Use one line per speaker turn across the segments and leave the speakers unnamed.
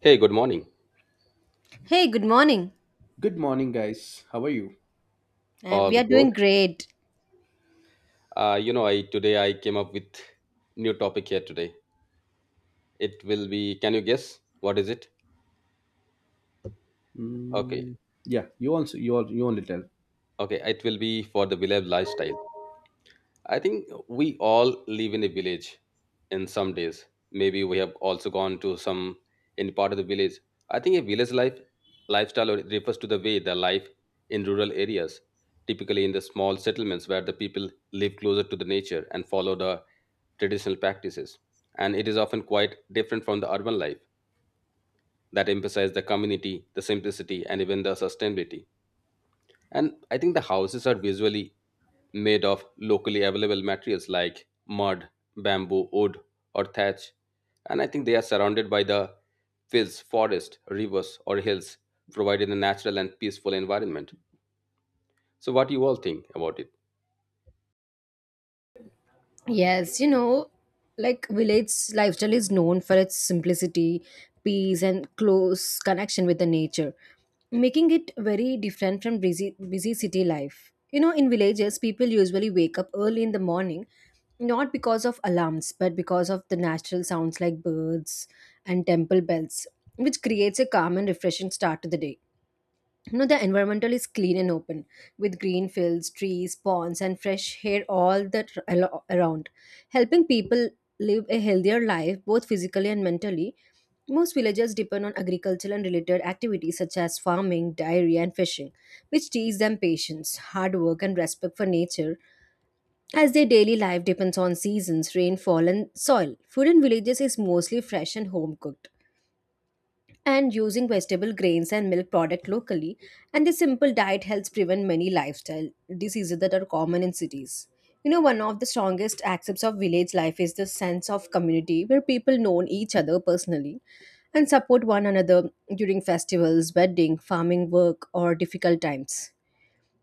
Hey, good morning.
Hey, good morning.
Good morning, guys. How are you?
We
All
are
good.
doing great.
I today I came up with new topic here today. It will be, can you guess what is it? Okay,
Mm, yeah, you also you all you only tell.
okay. It will be for the beloved lifestyle. I think we all live in a village in some days. Maybe we have also gone to some any part of the village. I think a village life lifestyle or- refers to the way the life in rural areas, typically in the small settlements where the people live closer to the nature and follow the traditional practices. And it is often quite different from the urban life that emphasize the community, the simplicity, and even the sustainability. And I think the houses are visually made of locally available materials like mud, bamboo, wood, or thatch. And I think they are surrounded by the fields, forest, rivers, or hills, providing a natural and peaceful environment. So, what do you all think about it?
Yes, like village lifestyle is known for its simplicity, peace, and close connection with the nature, making it very different from busy, busy city life. You know, in villages, people usually wake up early in the morning, not because of alarms, but because of the natural sounds like birds and temple bells, which creates a calm and refreshing start to the day. The environmental is clean and open with green fields, trees, ponds, and fresh air all around, helping people live a healthier life both physically and mentally. Most villagers depend on agricultural and related activities such as farming, dairy, and fishing, which teach them patience, hard work, and respect for nature, as their daily life depends on seasons, rainfall, and soil. Food in villages is mostly fresh and home cooked, and using vegetable, grains, and milk product locally, and this simple diet helps prevent many lifestyle diseases that are common in cities. One of the strongest aspects of village life is the sense of community, where people know each other personally and support one another during festivals, wedding, farming work, or difficult times,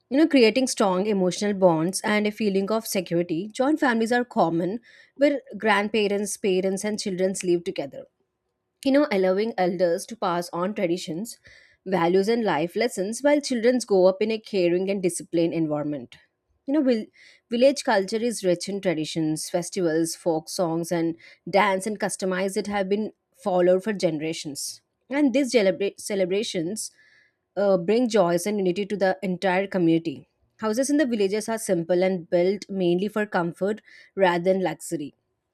creating strong emotional bonds and a feeling of security. Joint families are common, where grandparents, parents, and children live together, allowing elders to pass on traditions, values, and life lessons while children grow up in a caring and disciplined environment. You know, vil- village culture is rich in traditions, festivals, folk songs, and dance and customize that have been followed for generations. And these celebrations bring joys and unity to the entire community. Houses in the villages are simple and built mainly for comfort rather than luxury,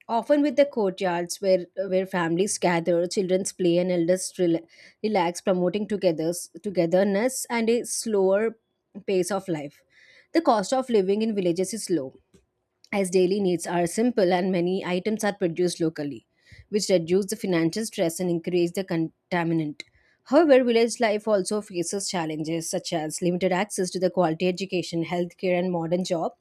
often with the courtyards where families gather, children's play, and elders relax, promoting togetherness and a slower pace of life. The cost of living in villages is low, as daily needs are simple and many items are produced locally, which reduce the financial stress and increase the contaminant. However, village life also faces challenges such as limited access to the quality education, healthcare, and modern job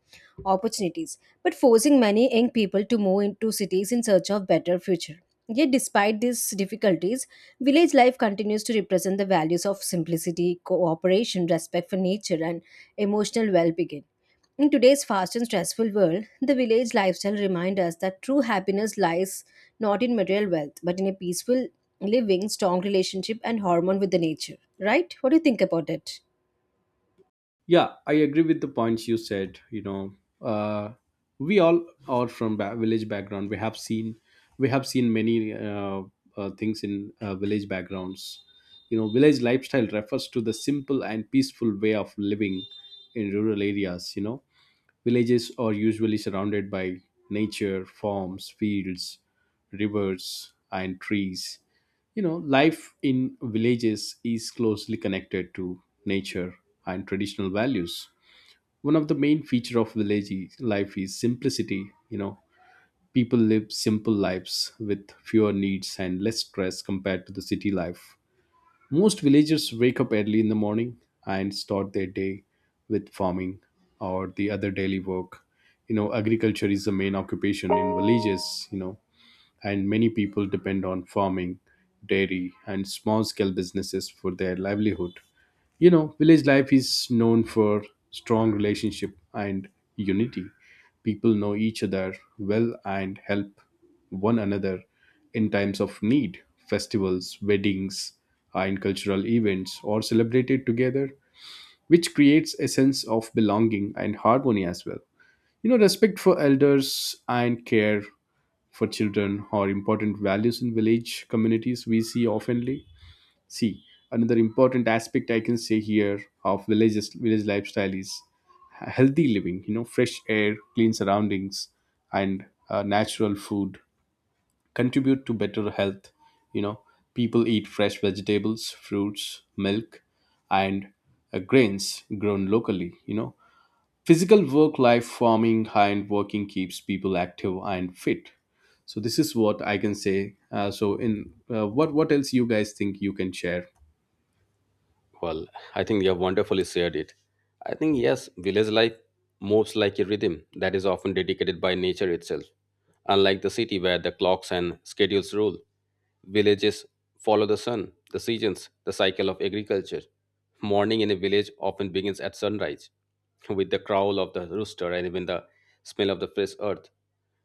opportunities, but forcing many young people to move into cities in search of better future. Yet, despite these difficulties, village life continues to represent the values of simplicity, cooperation, respect for nature, and emotional well-being. In today's fast and stressful world, the village lifestyle reminds us that true happiness lies not in material wealth, but in a peaceful living, strong relationship, and harmony with the nature. Right? What do you think about it?
Yeah, I agree with the points you said. You know, uh, we all are from village background. We have seen many things in village backgrounds. You know, village lifestyle refers to the simple and peaceful way of living in rural areas. You know, villages are usually surrounded by nature, farms, fields, rivers, and trees. You know, life in villages is closely connected to nature and traditional values. One of the main feature of village life is simplicity. You know, people live simple lives with fewer needs and less stress compared to the city life. Most villagers wake up early in the morning and start their day with farming or the other daily work. You know, agriculture is the main occupation in villages, you know, and many people depend on farming, dairy, and small scale businesses for their livelihood. You know, village life is known for strong relationship and unity. People know each other well and help one another in times of need. Festivals, weddings, and cultural events are celebrated together, which creates a sense of belonging and harmony as well. You know, respect for elders and care for children are important values in village communities we see oftenly. See, another important aspect I can say here of village lifestyle is healthy living. You know, fresh air, clean surroundings, and natural food contribute to better health. You know, people eat fresh vegetables, fruits, milk, and grains grown locally. You know, physical work life farming and working keeps people active and fit. So this is what I can say. So in What else you guys think you can share?
Well, I think you have wonderfully shared it. I think, yes, village life moves like a rhythm that is often dedicated by nature itself. Unlike the city where the clocks and schedules rule, villages follow the sun, the seasons, the cycle of agriculture. Morning in a village often begins at sunrise, with the crowl of the rooster and even the smell of the fresh earth,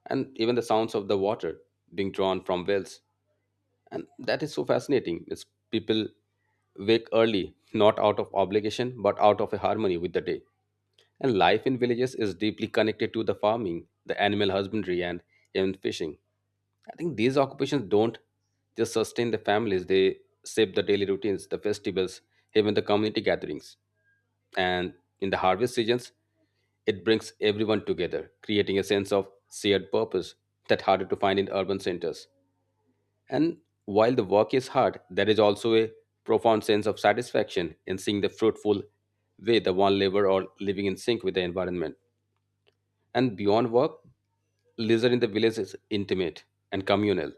and even the sounds of the water being drawn from wells, and that is so fascinating. It's people wake early, not out of obligation but out of a harmony with the day. And life in villages is deeply connected to the farming, the animal husbandry, and even fishing. I think these occupations don't just sustain the families, they shape the daily routines, the festivals, even the community gatherings. And in the harvest seasons, it brings everyone together, creating a sense of shared purpose that harder to find in urban centers. And while the work is hard, there is also a profound sense of satisfaction in seeing the fruitful way the one labor or living in sync with the environment. And beyond work, leisure in the village is intimate and communal.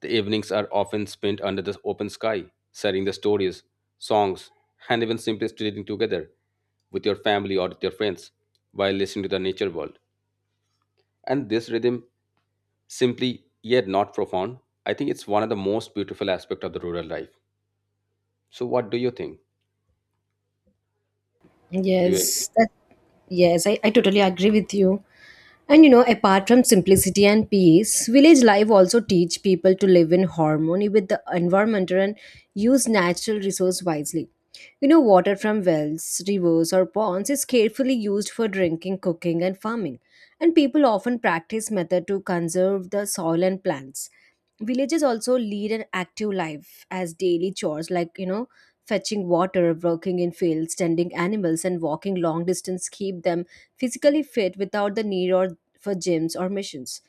The evenings are often spent under the open sky, sharing the stories, songs, and even simply sitting together with your family or with your friends while listening to the nature world. And this rhythm, simply yet not profound, I think it's one of the most beautiful aspects of the rural life. So, what do you think? Do you agree?
Yes, that Yes, I totally agree with you. And apart from simplicity and peace, village life also teach people to live in harmony with the environment and use natural resource wisely. Water from wells, rivers, or ponds is carefully used for drinking, cooking, and farming. And people often practice method to conserve the soil and plants. Villages also lead an active life, as daily chores like, fetching water, working in fields, tending animals, and walking long distance keep them physically fit without the need or for gyms or machines.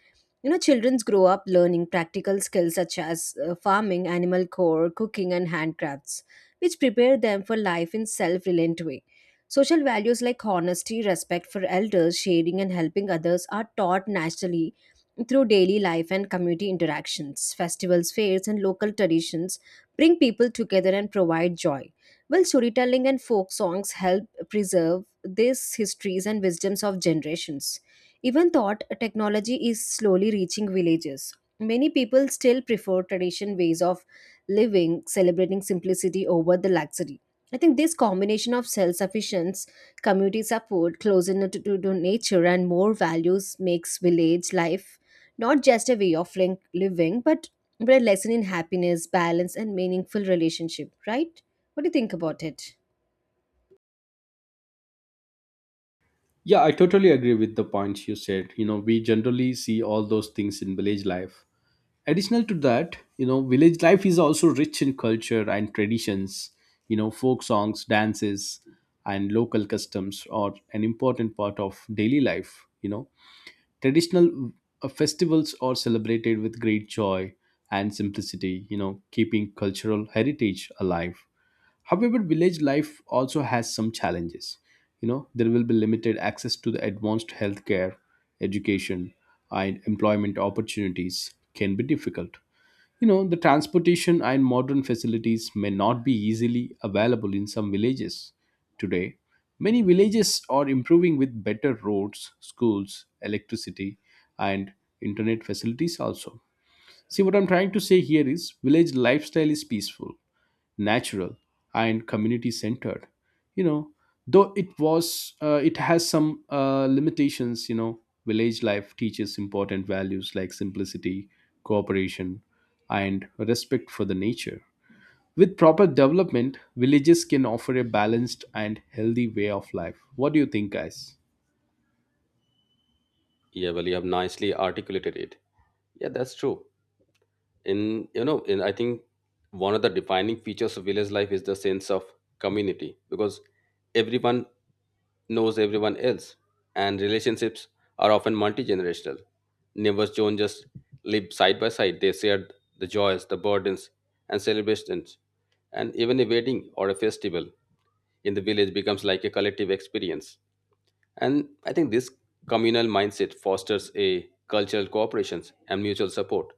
Children grow up learning practical skills such as farming, animal care, cooking, and handcrafts, which prepare them for life in self-reliant way. Social values like honesty, respect for elders, sharing, and helping others are taught naturally through daily life and community interactions. Festivals, fairs, and local traditions bring people together and provide joy, while storytelling and folk songs help preserve these histories and wisdoms of generations. Even thought technology is slowly reaching villages, many people still prefer traditional ways of living, celebrating simplicity over the luxury. I think this combination of self sufficiency, community support, closeness to nature, and more values makes village life not just a way of living, but a lesson in happiness, balance, and meaningful relationship, right? What do you think about it?
Yeah, I totally agree with the points you said. You know, we generally see all those things in village life. Additional to that, you know, village life is also rich in culture and traditions. You know, folk songs, dances, and local customs are an important part of daily life. You know, traditional festivals are celebrated with great joy and simplicity, you know, keeping cultural heritage alive. However, village life also has some challenges. You know, there will be limited access to the advanced healthcare, education, and employment opportunities can be difficult. You know, the transportation and modern facilities may not be easily available in some villages today. Many villages are improving with better roads, schools, electricity, and internet facilities also. See, what I'm trying to say here is village lifestyle is peaceful, natural, and community centered. You know, though it was, it has some limitations. You know, village life teaches important values like simplicity, cooperation, and respect for the nature. With proper development, villages can offer a balanced and healthy way of life. What do you think, guys?
Yeah, well, you have nicely articulated it. Yeah, that's true. In you know, in I think one of the defining features of village life is the sense of community because everyone knows everyone else, and relationships are often multi-generational. Neighbors don't just live side by side; they share the joys, the burdens, and celebrations. And even a wedding or a festival in the village becomes like a collective experience. And I think this communal mindset fosters a cultural cooperations and mutual support.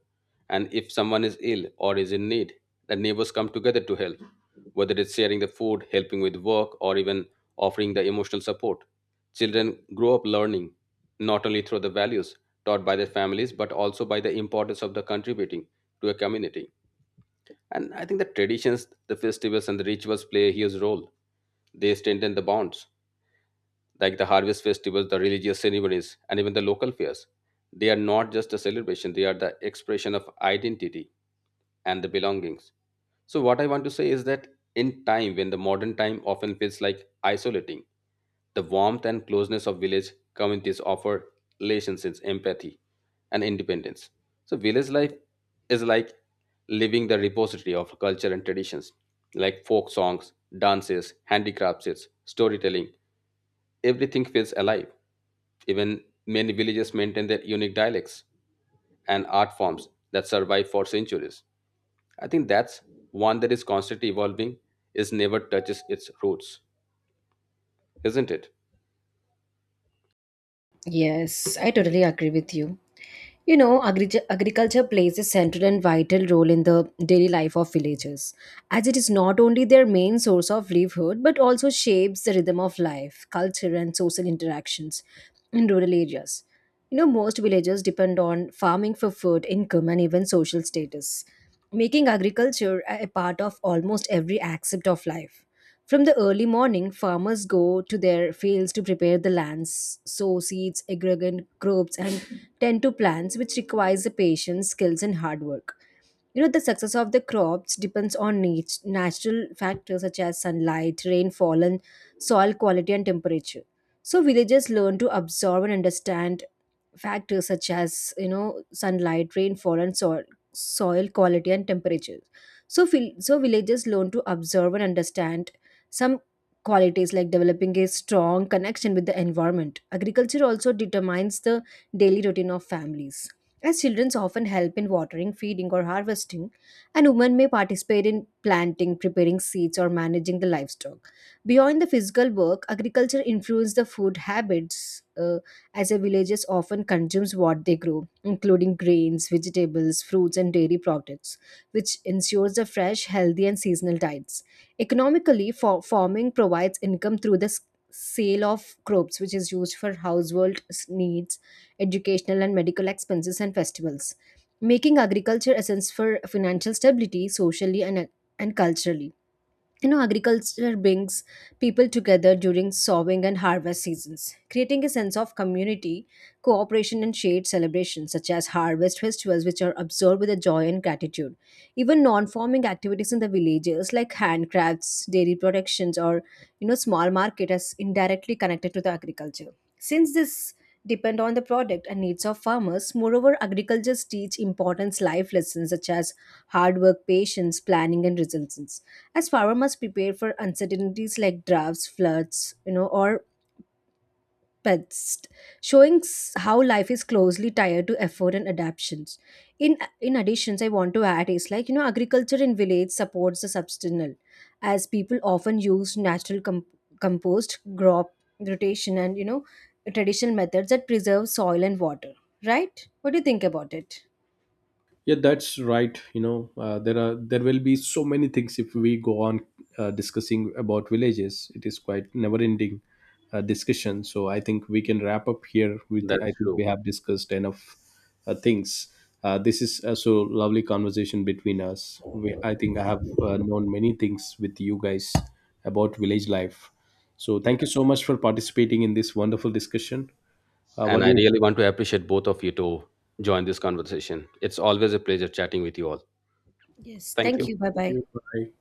And if someone is ill or is in need, the neighbors come together to help, whether it's sharing the food, helping with work, or even offering the emotional support. Children grow up learning not only through the values taught by their families, but also by the importance of the contributing to a community. And I think the traditions, the festivals, and the rituals play a huge role. They strengthen the bonds like the harvest festivals, the religious ceremonies, and even the local fairs. They are not just a celebration, they are the expression of identity and the belongings. So, what I want to say is that in time, when the modern time often feels like isolating, the warmth and closeness of village communities offer relationships, empathy, and independence. So, village life is like living the repository of culture and traditions, like folk songs, dances, handicrafts, storytelling. Everything feels alive. Even many villages maintain their unique dialects and art forms that survive for centuries. I think that's one that is constantly evolving, is never touches its roots, isn't it?
Yes, I totally agree with you. Agriculture plays a central and vital role in the daily life of villagers, as it is not only their main source of livelihood but also shapes the rhythm of life, culture, and social interactions in rural areas. You know, most villagers depend on farming for food, income, and even social status, making agriculture a part of almost every aspect of life. From the early morning, farmers go to their fields to prepare the lands, sow seeds, aggregate crops, and tend to plants, which requires the patience, skills, and hard work. The success of the crops depends on natural factors such as sunlight, rainfall, and soil quality and temperature. So villagers learn to absorb and understand factors such as sunlight, rainfall, and soil quality and temperature. So villagers learn to absorb and understand some qualities, like developing a strong connection with the environment. Agriculture also determines the daily routine of families. As children often help in watering, feeding, or harvesting, and women may participate in planting, preparing seeds, or managing the livestock. Beyond the physical work, agriculture influences the food habits, as a villagers often consumes what they grow, including grains, vegetables, fruits, and dairy products, which ensures the fresh, healthy, and seasonal diets. Economically, farming provides income through the sale of crops, which is used for household needs, educational and medical expenses, and festivals, making agriculture essence for financial stability, socially, and culturally. You know, agriculture brings people together during sowing and harvest seasons, creating a sense of community, cooperation, and shared celebrations, such as harvest festivals, which are observed with a joy and gratitude. Even non-farming activities in the villages, like handcrafts, dairy productions, or small market, is indirectly connected to the agriculture. Since this depend on the product and needs of farmers, moreover, agricultures teach important life lessons such as hard work, patience, planning, and resilience, as farmer must prepare for uncertainties like droughts, floods, or pests, showing how life is closely tied to effort and adaptations. In in additions, I want to add is like, agriculture in village supports the substantial, as people often use natural compost, crop rotation, and traditional methods that preserve soil and water. Right? What do you think about it?
Yeah, that's right. You know, there are there will be so many things if we go on discussing about villages. It is quite never-ending discussion. So I think we can wrap up here. With the,
That's
I think we
true.
have discussed enough things. This is so lovely conversation between us. I think I have known many things with you guys about village life. So thank you
Yeah.
so much for participating in this wonderful discussion. What
And
do
I
you?
really want to appreciate both of you to join this conversation. It's always a pleasure chatting with you all.
Yes,
Thank
thank
you.
you. Bye
Thank
bye.
you. Bye.